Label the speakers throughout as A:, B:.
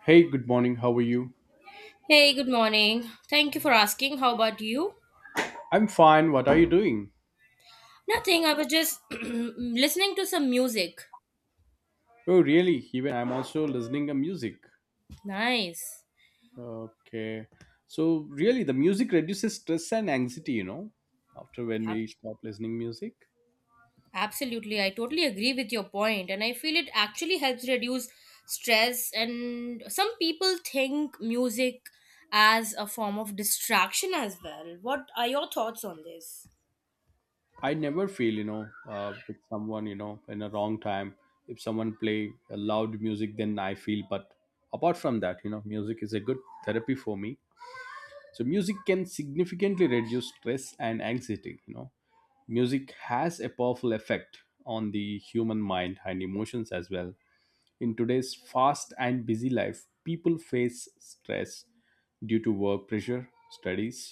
A: Hey, good morning. How are you?
B: Hey, good morning. Thank you for asking. How about you?
A: I'm fine. What are you doing?
B: Nothing. I was just listening to some music.
A: Oh, really? Even I'm also listening to music.
B: Nice.
A: Okay. So, really, the music reduces stress and anxiety, after when
B: Ab-
A: we stop listening music.
B: Absolutely. I totally agree with your point, and I feel it actually helps reduce stress. And some people think music as a form of distraction as well. What are your thoughts on this?
A: I never feel, with someone, in a wrong time. If someone play a loud music, then I feel. But apart from that, music is a good therapy for me. So music can significantly reduce stress and anxiety. Music has a powerful effect on the human mind and emotions as well. In today's fast and busy life, people face stress due to work pressure, studies,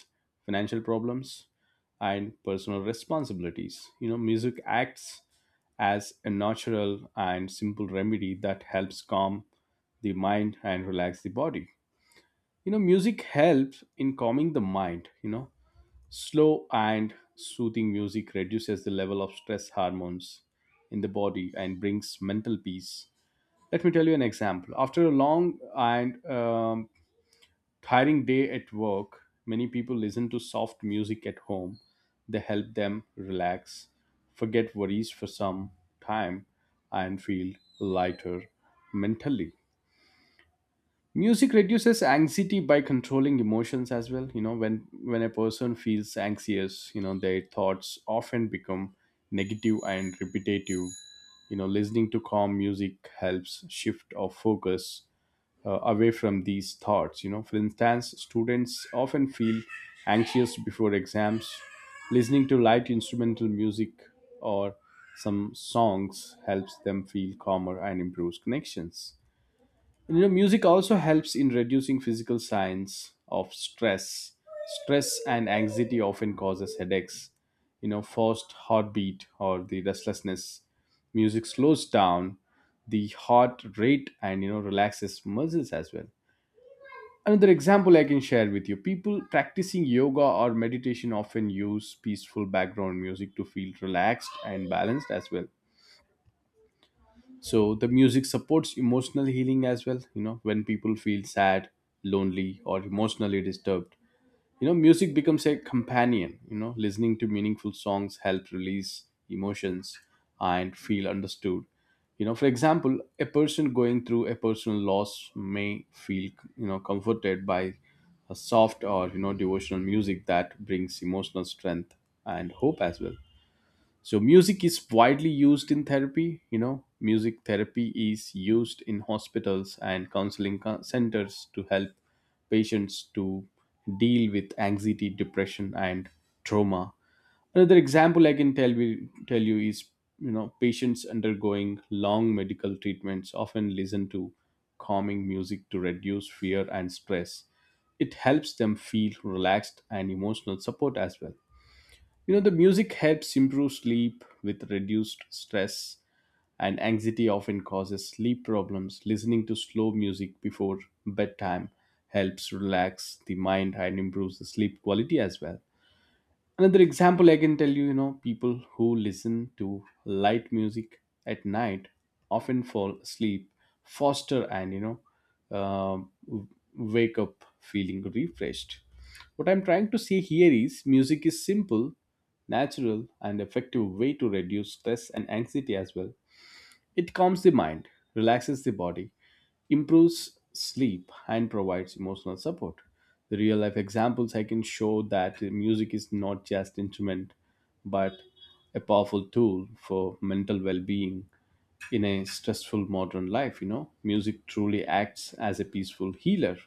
A: financial problems, and personal responsibilities. Music acts as a natural and simple remedy that helps calm the mind and relax the body. Music helps in calming the mind. Slow and soothing music reduces the level of stress hormones in the body and brings mental peace. Let me tell you an example. After a long and tiring day at work, many people listen to soft music at home. They help them relax, forget worries for some time, and feel lighter mentally. Music reduces anxiety by controlling emotions as well. When a person feels anxious, their thoughts often become negative and repetitive. Listening to calm music helps shift our focus away from these thoughts. For instance, students often feel anxious before exams. Listening to light instrumental music or some songs helps them feel calmer and improves connections. Music also helps in reducing physical signs of stress. Stress and anxiety often causes headaches, forced heartbeat, or the restlessness. Music slows down the heart rate, and relaxes muscles as well. Another example I can share with you: people practicing yoga or meditation often use peaceful background music to feel relaxed and balanced as well. So the music supports emotional healing as well. When people feel sad, lonely, or emotionally disturbed, music becomes a companion. Listening to meaningful songs help release emotions and feel understood. For example, a person going through a personal loss may feel, comforted by a soft or devotional music that brings emotional strength and hope as well. So music is widely used in therapy. Music therapy is used in hospitals and counseling centers to help patients to deal with anxiety, depression, and trauma. Another example I can tell you is, patients undergoing long medical treatments often listen to calming music to reduce fear and stress. It helps them feel relaxed and emotional support as well. The music helps improve sleep. With reduced stress and anxiety often causes sleep problems. Listening to slow music before bedtime helps relax the mind and improves the sleep quality as well. Another example I can tell you, people who listen to light music at night often fall asleep faster, and, wake up feeling refreshed. What I'm trying to say here is music is simple, natural, and effective way to reduce stress and anxiety as well. It calms the mind, relaxes the body, improves sleep, and provides emotional support. The real life examples I can show that music is not just instrument, but a powerful tool for mental well-being in a stressful modern life, you know. Music truly acts as a peaceful healer.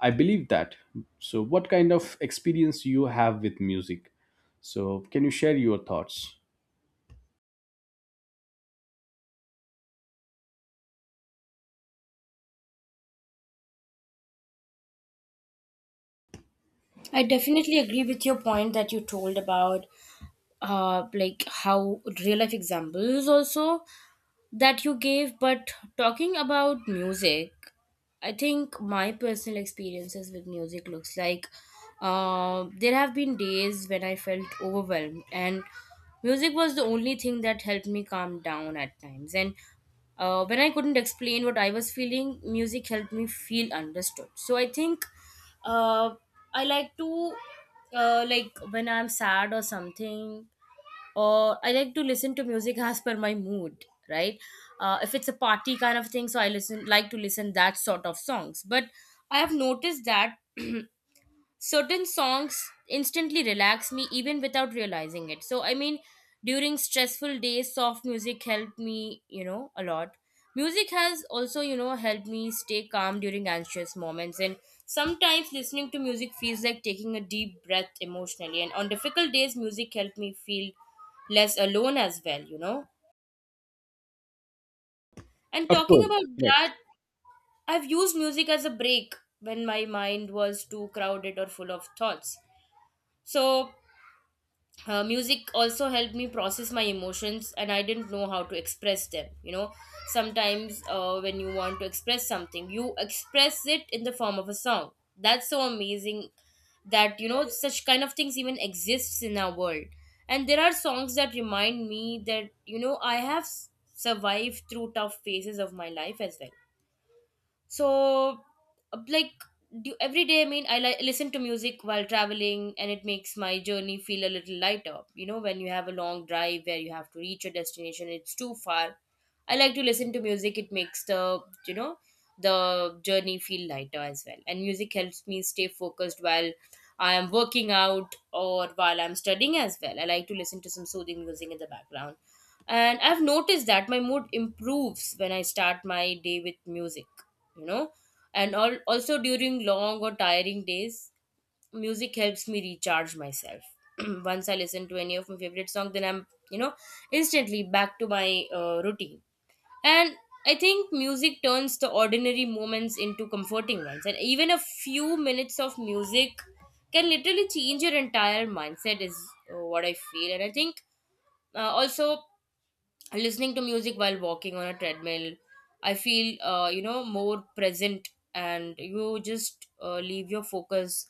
A: I believe that. So what kind of experience you have with music? So can you share your thoughts?
B: I definitely agree with your point that you told about like how real life examples also that you gave. But talking about music, I think my personal experiences with music looks like there have been days when I felt overwhelmed, and music was the only thing that helped me calm down at times. And when I couldn't explain what I was feeling, music helped me feel understood. So I think uh, I like to like when I'm sad or something or I like to listen to music as per my mood, right? If it's a party kind of thing, so I listen like to listen that sort of songs. But I have noticed that certain songs instantly relax me even without realizing it, so I mean during stressful days soft music helped me, you know, a lot. Music has also, you know, helped me stay calm during anxious moments, and sometimes listening to music feels like taking a deep breath emotionally. And on difficult days music helped me feel less alone as well, you know. And
A: Of
B: talking
A: course,
B: about
A: correct.
B: that, I've used music as a break when my mind was too crowded or full of thoughts. So music also helped me process my emotions, and I didn't know how to express them, you know. Sometimes when you want to express something, you express it in the form of a song. That's so amazing that, you know, such kind of things even exists in our world. And there are songs that remind me that, you know, I have survived through tough phases of my life as well. So like, do every day, I mean, I listen to music while traveling, and it makes my journey feel a little lighter. You know, when you have a long drive where you have to reach your destination, it's too far. I like to listen to music. It makes the, you know, the journey feel lighter as well. And music helps me stay focused while I am working out or while I'm studying as well. I like to listen to some soothing music in the background, and I've noticed that my mood improves when I start my day with music, you know. And all, also during long or tiring days, music helps me recharge myself. Once I listen to any of my favorite song, then I'm, you know, instantly back to my routine. And I think music turns the ordinary moments into comforting ones, and even a few minutes of music can literally change your entire mindset is what I feel. And I think also listening to music while walking on a treadmill, I feel you know, more present, and you just leave your focus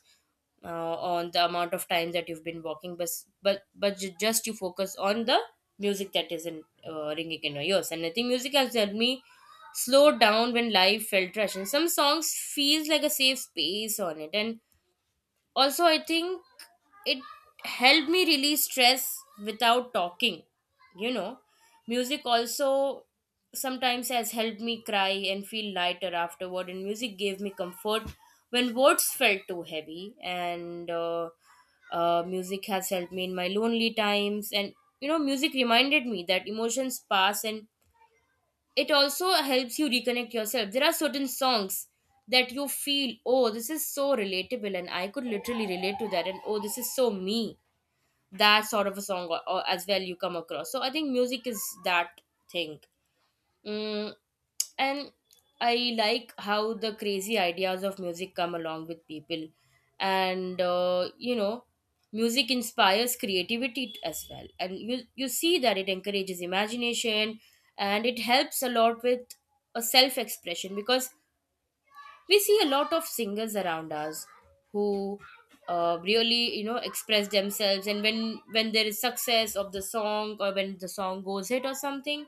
B: on the amount of time that you've been walking. But just you focus on the music that isn't ringing in your ears. And I think music has helped me slow down when life felt rush, and some songs feels like a safe space on it. And also, I think it helped me release stress without talking. You know, music also sometimes has helped me cry and feel lighter afterward, and music gave me comfort when words felt too heavy. And music has helped me in my lonely times, and you know, music reminded me that emotions pass, and it also helps you reconnect yourself. There are certain songs that you feel, oh, this is so relatable, and I could literally relate to that, and oh, this is so me. That sort of a song, or as well, you come across. So I think music is that thing. Mm, and I like how the crazy ideas of music come along with people, and you know, music inspires creativity as well. And you see that it encourages imagination, and it helps a lot with a self expression, because we see a lot of singers around us who really, you know, express themselves. And when there is success of the song or when the song goes hit or something,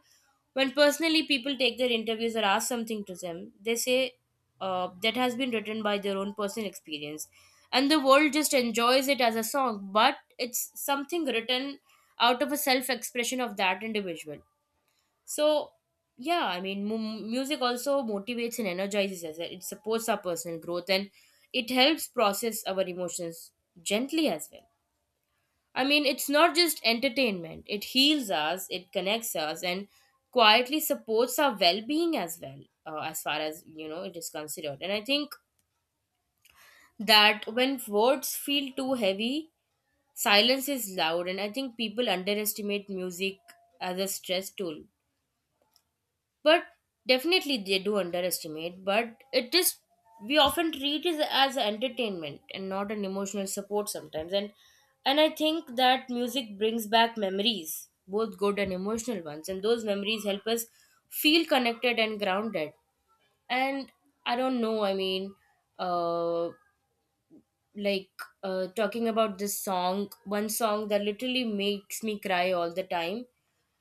B: when personally people take their interviews or ask something to them, they say that has been written by their own personal experience, and the world just enjoys it as a song, but it's something written out of a self expression of that individual. So, yeah, I mean, music also motivates and energizes us. It supports our personal growth, and it helps process our emotions gently as well. I mean, it's not just entertainment, it heals us, it connects us, and quietly supports our well being as well, as far as you know it is considered. And I think that when words feel too heavy, silence is loud. And I think people underestimate music as a stress tool, but definitely they do underestimate. But it is, we often treat it as entertainment and not an emotional support sometimes. And I think that music brings back memories, both good and emotional ones, and those memories help us feel connected and grounded. And I don't know, I mean, uh like talking about this song, one song that literally makes me cry all the time,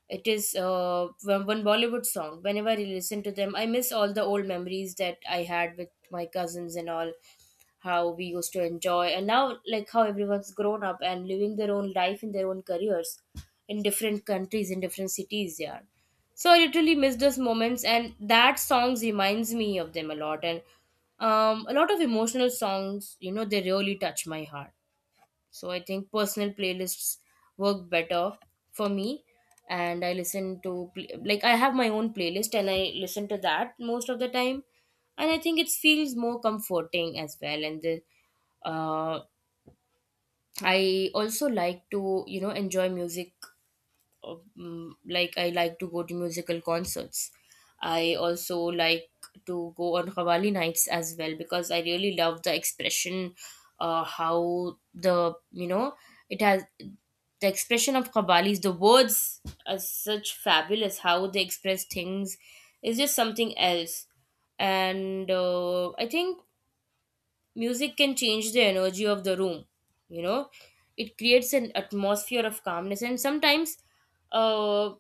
B: it is one Bollywood song. Whenever I listen to them, I miss all the old memories that I had with my cousins and all. How we used to enjoy, and now like how everyone's grown up and living their own life in their own careers, in different countries, in different cities. Yeah, so I literally miss those moments, and that songs reminds me of them a lot. And a lot of emotional songs, you know, they really touch my heart. So I think personal playlists work better for me. And I listen to, like, I have my own playlist and I listen to that most of the time. And I think it feels more comforting as well. And the, uh, I also like to, you know, enjoy music, like I like to go to musical concerts. I also like to go on Qawwali nights as well, because I really love the expression, how the, you know, it has the expression of Qawwalis, the words are such fabulous. How they express things is just something else. And I think music can change the energy of the room. You know, it creates an atmosphere of calmness, and sometimes. Uh,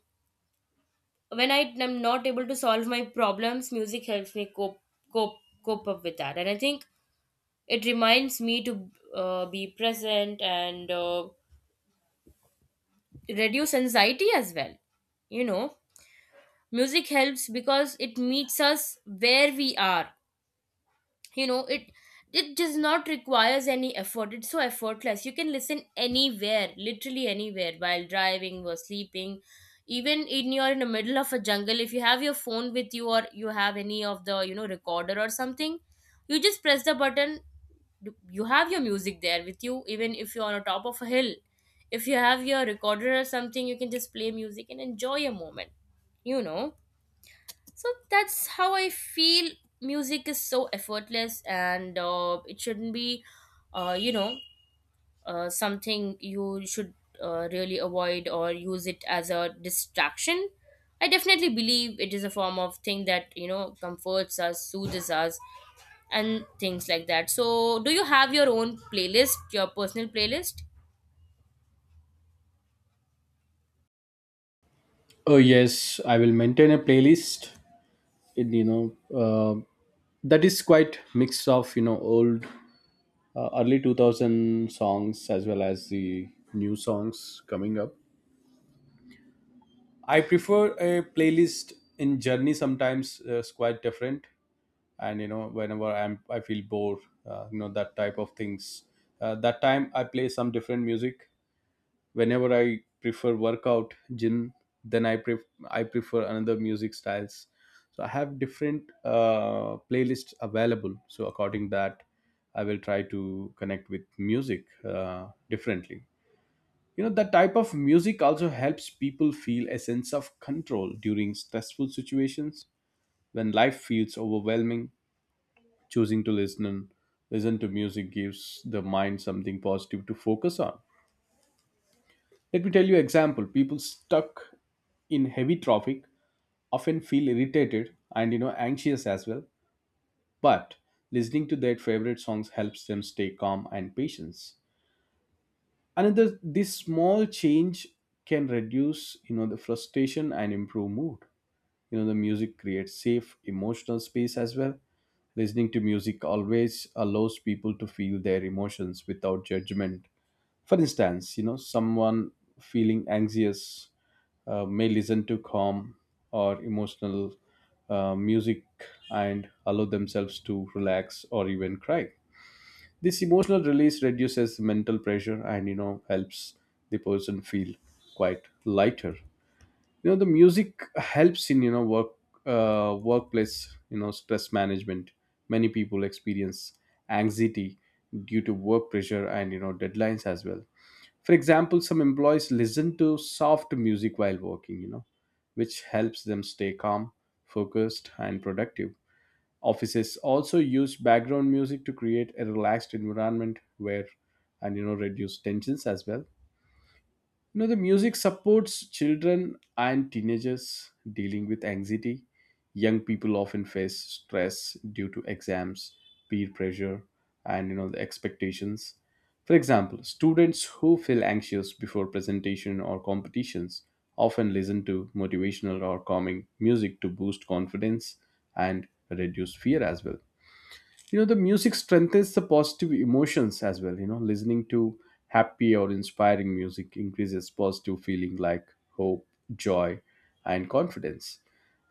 B: when I am not able to solve my problems, music helps me cope cope up with that. And I think it reminds me to be present and reduce anxiety as well. You know, music helps because it meets us where we are, you know. It does not requires any effort. It's so effortless, you can listen anywhere, literally anywhere, while driving or sleeping. Even in, you're in the middle of a jungle, if you have your phone with you, or you have any of the, you know, recorder or something, you just press the button, you have your music there with you. Even if you're on the top of a hill, if you have your recorder or something, you can just play music and enjoy a moment, you know. So that's how I feel. Music is so effortless, and it shouldn't be you know, something you should really avoid or use it as a distraction. I definitely believe it is a form of thing that, you know, comforts us, soothes us, and things like that. So do you have your own playlist, your personal playlist?
A: Oh yes, I will maintain a playlist in, that is quite mix of old early 2000 songs as well as the new songs coming up. I prefer a playlist in journey. Sometimes it's quite different. And whenever I feel bored, that type of things, that time I play some different music. Whenever I prefer workout gym, then I prefer another music styles. So I have different playlists available, so according that I will try to connect with music differently. That type of music also helps people feel a sense of control during stressful situations. When life feels overwhelming, choosing to listen to music gives the mind something positive to focus on. Let me tell you example. People stuck in heavy traffic often feel irritated and, anxious as well. But listening to their favorite songs helps them stay calm and patience. Another, this small change can reduce, the frustration and improve mood. The music creates safe emotional space as well. Listening to music always allows people to feel their emotions without judgment. For instance, someone feeling anxious may listen to calm or emotional music and allow themselves to relax or even cry. This emotional release reduces mental pressure and helps the person feel quite lighter. The music helps in, work, workplace, stress management. Many people experience anxiety due to work pressure and, deadlines as well. For example, some employees listen to soft music while working, which helps them stay calm, focused, and productive. Offices also use background music to create a relaxed environment where, and reduce tensions as well. The music supports children and teenagers dealing with anxiety. Young people often face stress due to exams, peer pressure, and the expectations. For example, students who feel anxious before presentation or competitions often listen to motivational or calming music to boost confidence and reduce fear as well. The music strengthens the positive emotions as well. Listening to happy or inspiring music increases positive feeling like hope, joy, and confidence.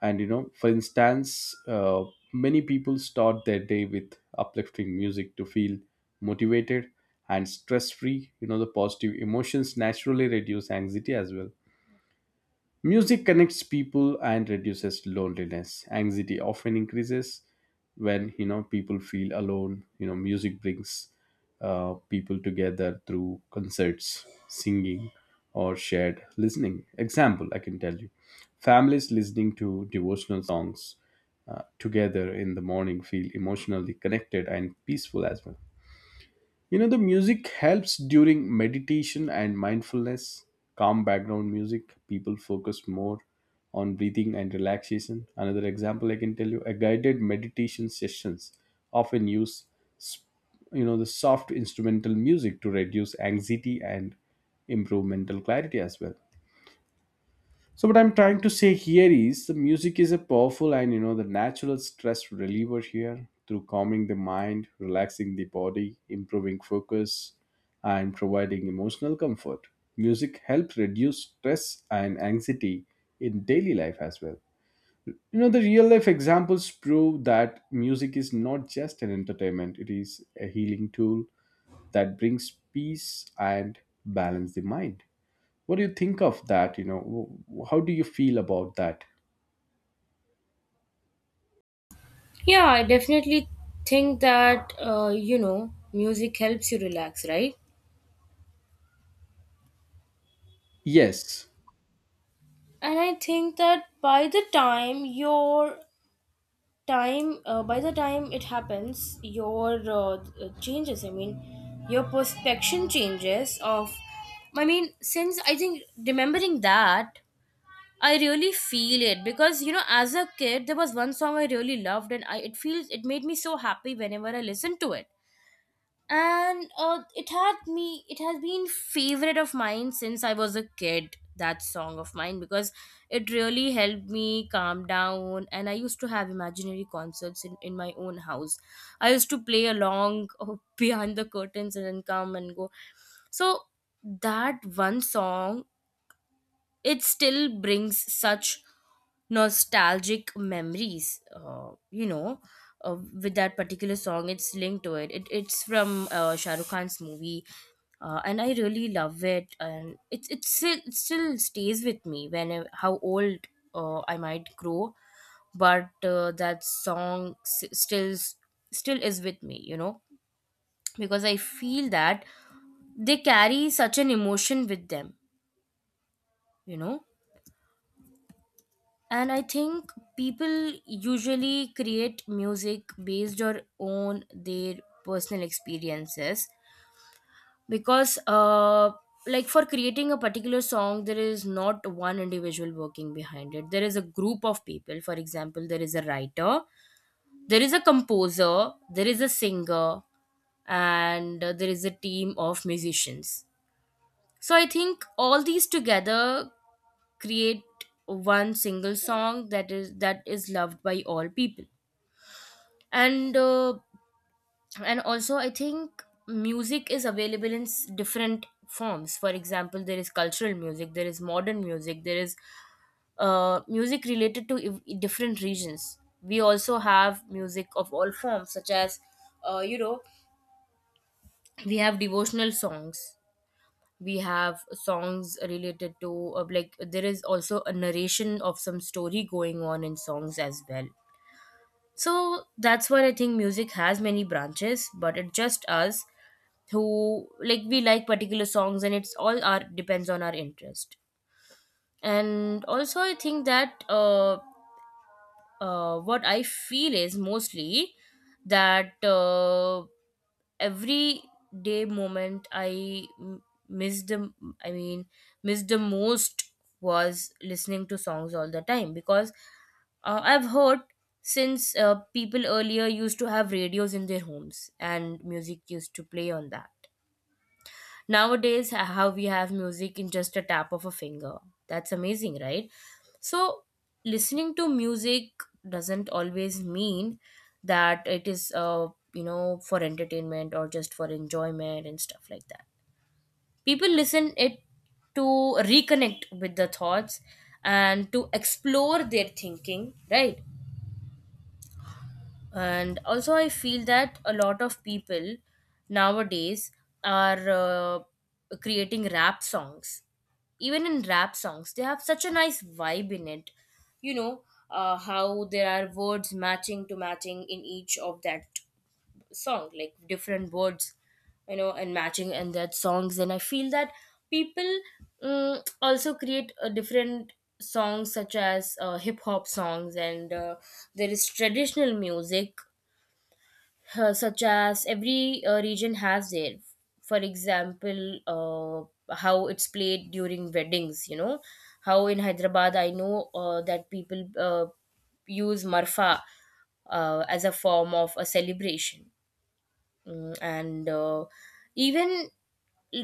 A: And, you know for instance many people start their day with uplifting music to feel motivated and stress free. The positive emotions naturally reduce anxiety as well. Music connects people and reduces loneliness. Anxiety often increases when, people feel alone. You know, music brings people together through concerts, singing, or shared listening. Example, I can tell you, families listening to devotional songs together in the morning feel emotionally connected and peaceful as well. You know, the music helps during meditation and mindfulness. Calm background music, people focus more on breathing and relaxation. Another example I can tell you, a guided meditation sessions often use s- the soft instrumental music to reduce anxiety and improve mental clarity as well. So what I'm trying to say here is the music is a powerful and, the natural stress reliever here through calming the mind, relaxing the body, improving focus, and providing emotional comfort. Music helps reduce stress and anxiety in daily life as well. The real life examples prove that music is not just an entertainment, it is a healing tool that brings peace and balance the mind. What do you think of that? You know, how do you feel about that?
B: Yeah, I definitely think that you know, music helps you relax, right?
A: Yes,
B: And I think that by the time your time, by the time it happens, your changes, I mean, your perception changes of, I mean, since I think remembering that, I really feel it. Because, you know, as a kid there was one song I really loved, and I, it feels it made me so happy whenever I listened to it. And it had me, it has been favorite of mine since I was a kid, that song of mine, because it really helped me calm down. And I used to have imaginary concerts in my own house. I used to play along behind the curtains and then come and go. So that one song, it still brings such nostalgic memories, you know, uh, with that particular song it's linked to It, it's from Shah Rukh Khan's movie. And I really love it and it still stays with me when how old I might grow but that song still is with me because I feel that they carry such an emotion with them you know and I think people usually create music based on their personal experiences because like for creating a particular song there is not one individual working behind it. There is a group of people. For example, there is a writer, there is a composer, there is a singer, and there is a team of musicians. So I think all these together create one single song that is loved by all people. And uh, and also I think music is available in different forms. For example, there is cultural music, there is modern music, there is music related to different regions. We also have music of all forms such as uh, you know we have devotional songs, we have songs related to like there is also a narration of some story going on in songs as well. So that's why I think music has many branches, but it's just us who, like, we like particular songs and it's all our depends on our interest. And also I think that what I feel is mostly that every day moment I m- miss the I mean miss the most was listening to songs all the time, because I've heard since people earlier used to have radios in their homes and music used to play on that. Nowadays, how we have music in just a tap of a finger. That's amazing, right? So listening to music doesn't always mean that it is, for entertainment or just for enjoyment and stuff like that. People listen it to reconnect with the thoughts and to explore their thinking, right? And also, I feel that a lot of people nowadays are creating rap songs. Even in rap songs they have such a nice vibe in it you know how there are words matching to matching in each of that song, like different words, you know, and matching in that songs. And I feel that people also create a different songs such as hip hop songs, and there is traditional music, such as every region has their. For example, how it's played during weddings, you know, how in Hyderabad I know that people uh, use marfa as a form of a celebration. Mm, and Even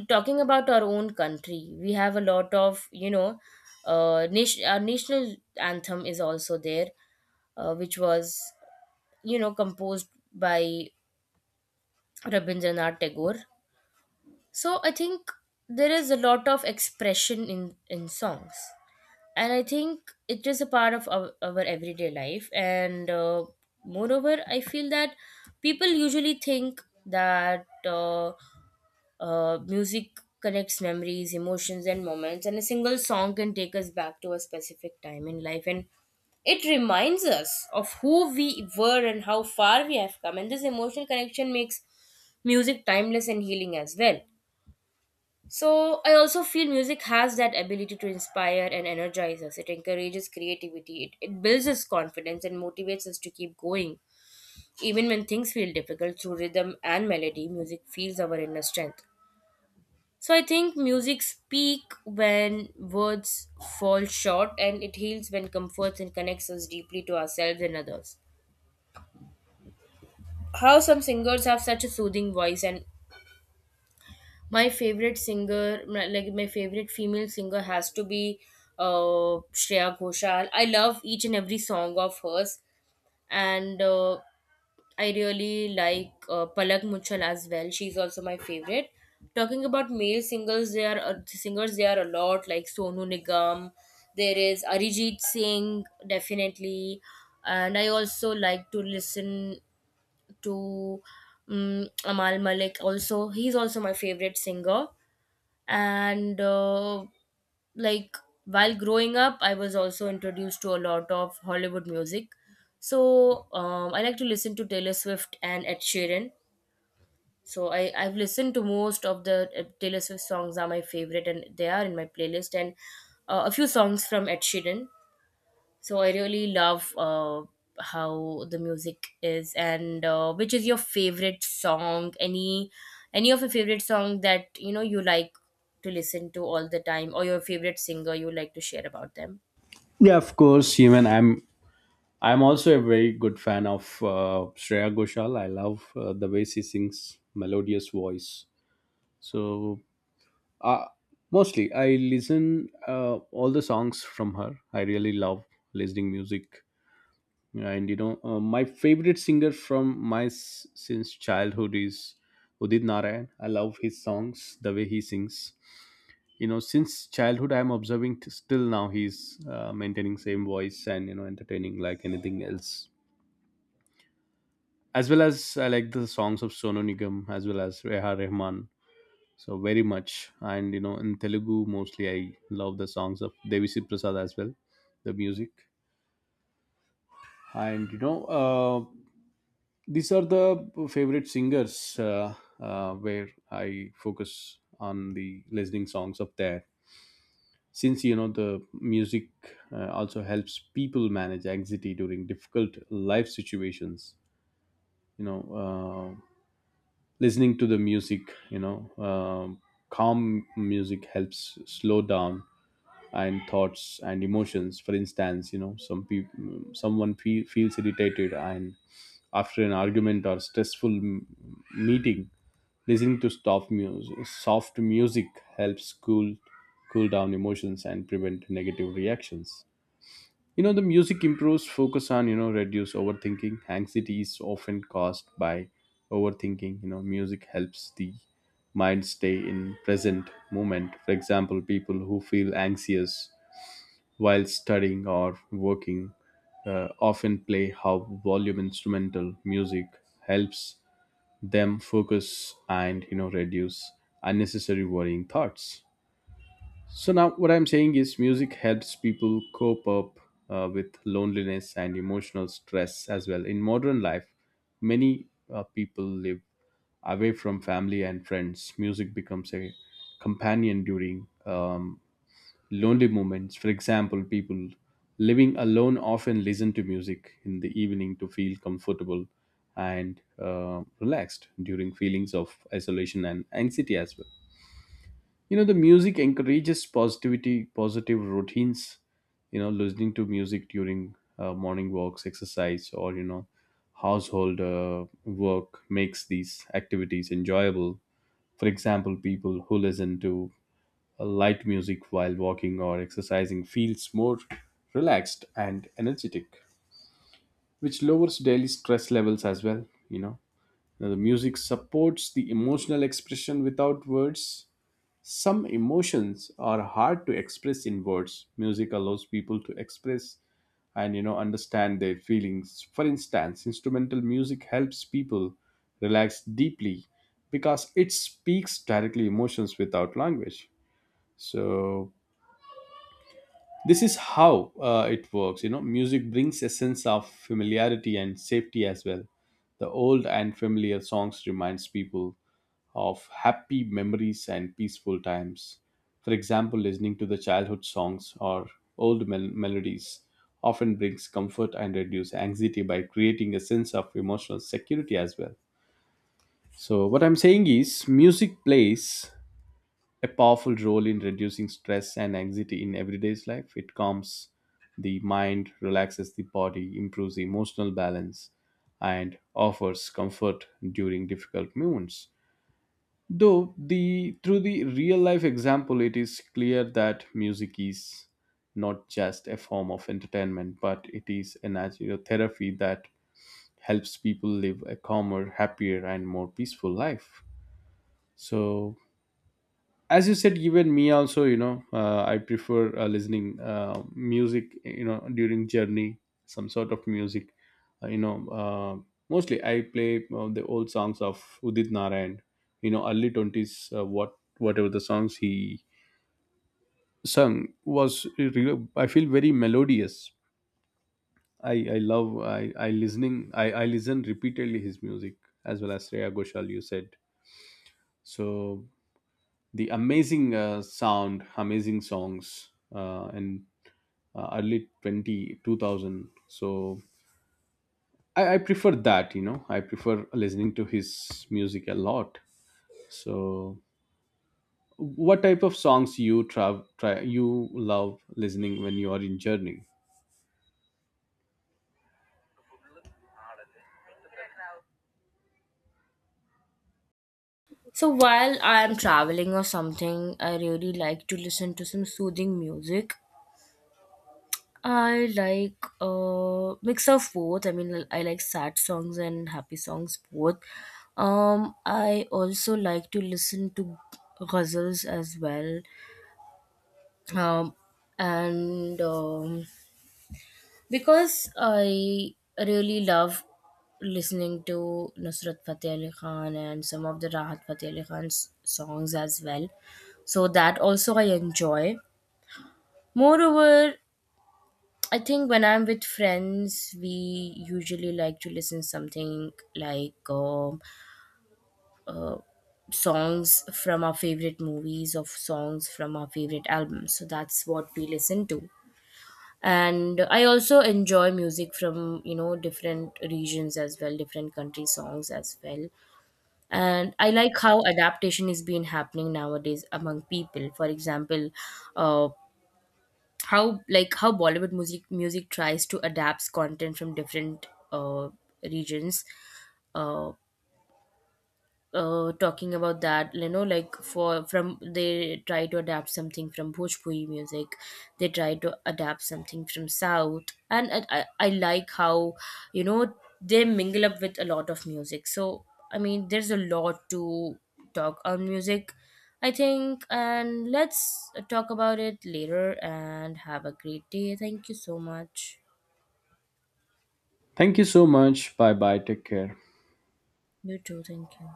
B: talking about our own country, we have a lot of, you know, our national anthem is also there, which was, you know, composed by Rabindranath Tagore. So I think there is a lot of expression in songs, and I think it is a part of our everyday life. And Moreover, I feel that people usually think that music connects memories, emotions, and moments, and a single song can take us back to a specific time in life, and it reminds us of who we were and how far we have come, and this emotional connection makes music timeless and healing as well. So I also feel music has that ability to inspire and energize us. It encourages creativity, it builds us confidence and motivates us to keep going. Even when things feel difficult, through rhythm and melody, music feels our inner strength. So I think music speak when words fall short, and it heals when comforts and connects us deeply to ourselves and others. How some singers have such a soothing voice. And my favorite singer, like my favorite female singer, has to be Shreya Ghoshal. I love each and every song of hers, and I really like Palak Muchal as well. She's also my favorite. Talking about male singers there are a lot, like Sonu Nigam. There is Arijit Singh, definitely, and I also like to listen to Amal Malik. Also, he's also my favorite singer, and like, while growing up, I was also introduced to a lot of Hollywood music. So I like to listen to Taylor Swift and Ed Sheeran. So I've listened to most of the Taylor Swift songs are my favorite and they are in my playlist, and a few songs from Ed Sheeran. So I really love how the music is. And which is your favorite song? Any of your favorite song that, you know, you like to listen to all the time, or your favorite singer you like to share about them?
A: yeah, of course. Even I'm also a very good fan of Shreya Ghoshal. I love the way she sings melodious voice. So, uh, mostly I listen all the songs from her. I really love listening music, and you know, my favorite singer from since childhood is Udit Narayan. I love his songs, the way he sings. Since childhood I'm observing still now, he's maintaining same voice and, entertaining like anything else, as well as I like the songs of Sonu Nigam as well as Reha Rehman so very much. And, in Telugu, mostly I love the songs of Devisi Prasad as well. The music, and these are the favorite singers uh, where I focus on the listening songs of there. Since, the music also helps people manage anxiety during difficult life situations. you know uh, Listening to the music, you know um calm music helps slow down and thoughts and emotions. For instance, someone feels irritated, and after an argument or stressful meeting, listening to soft music helps cool down emotions and prevent negative reactions. The music improves focus on, reduce overthinking. Anxiety is often caused by overthinking. Music helps the mind stay in present moment. For example, people who feel anxious while studying or working often play how volume instrumental music helps them focus and, reduce unnecessary worrying thoughts. So now what I'm saying is music helps people cope up with loneliness and emotional stress as well. In modern life, many people live away from family and friends. Music becomes a companion during lonely moments. For example, people living alone often listen to music in the evening to feel comfortable and relaxed during feelings of isolation and anxiety as well. You know, the music encourages positivity, positive routines. You know, listening to music during morning walks, exercise, or, you know, household work makes these activities enjoyable. For example, people who listen to a light music while walking or exercising feels more relaxed and energetic, which lowers daily stress levels as well. You know, now the music supports the emotional expression without words. Some emotions are hard to express in words. Music allows people to express and, you know, understand their feelings. For instance, instrumental music helps people relax deeply because it speaks directly emotions without language. So this is how it works. You know, music brings a sense of familiarity and safety as well. The old and familiar songs reminds people of happy memories and peaceful times. For example, listening to the childhood songs or old melodies often brings comfort and reduce anxiety by creating a sense of emotional security as well. So what I'm saying is music plays a powerful role in reducing stress and anxiety in everyday life. It calms the mind, relaxes the body, improves the emotional balance, and offers comfort during difficult moments. Though the Through the real life example, it is clear that music is not just a form of entertainment, but it is a natural therapy that helps people live a calmer, happier, and more peaceful life. So as you said, even me also, you know, I prefer listening music, you know, during journey, some sort of music, uh, you know uh, mostly I play the old songs of Udit Narayan. You know, early 20s, whatever the songs he sung was really, I feel very melodious. I i love i i listening i i listen repeatedly his music, as well as Shreya Ghoshal you said. So the amazing sound, amazing songs in early 20 2000. So I prefer that, you know, I prefer listening to his music a lot. So what type of songs you trav- try you love listening when you are in journey?
B: So while I am traveling or something, I really like to listen to some soothing music. I like mix of both. I mean, I like sad songs and happy songs both. I also like to listen to ghazals as well. Um, and Because I really love listening to Nusrat Fateh Ali Khan and some of the Rahat Fateh Ali Khan's songs as well. So that also I enjoy. Moreover, I think when I'm with friends, we usually like to listen something like songs from our favorite movies or songs from our favorite albums. So that's what we listen to. And I also enjoy music from, you know, different regions as well, different country songs as well. And I like how adaptation is being happening nowadays among people. For example, uh, how how Bollywood music tries to adapt content from different regions. Uh, Talking about that, you know, like for from they try to adapt something from Bhojpuri music, they try to adapt something from South. And I like how, you know, they mingle up with a lot of music. So I mean, there's a lot to talk on music, I think, and let's talk about it later and have a great day. Thank you so much.
A: Thank you so much. Bye bye. Take care.
B: You too. Thank you.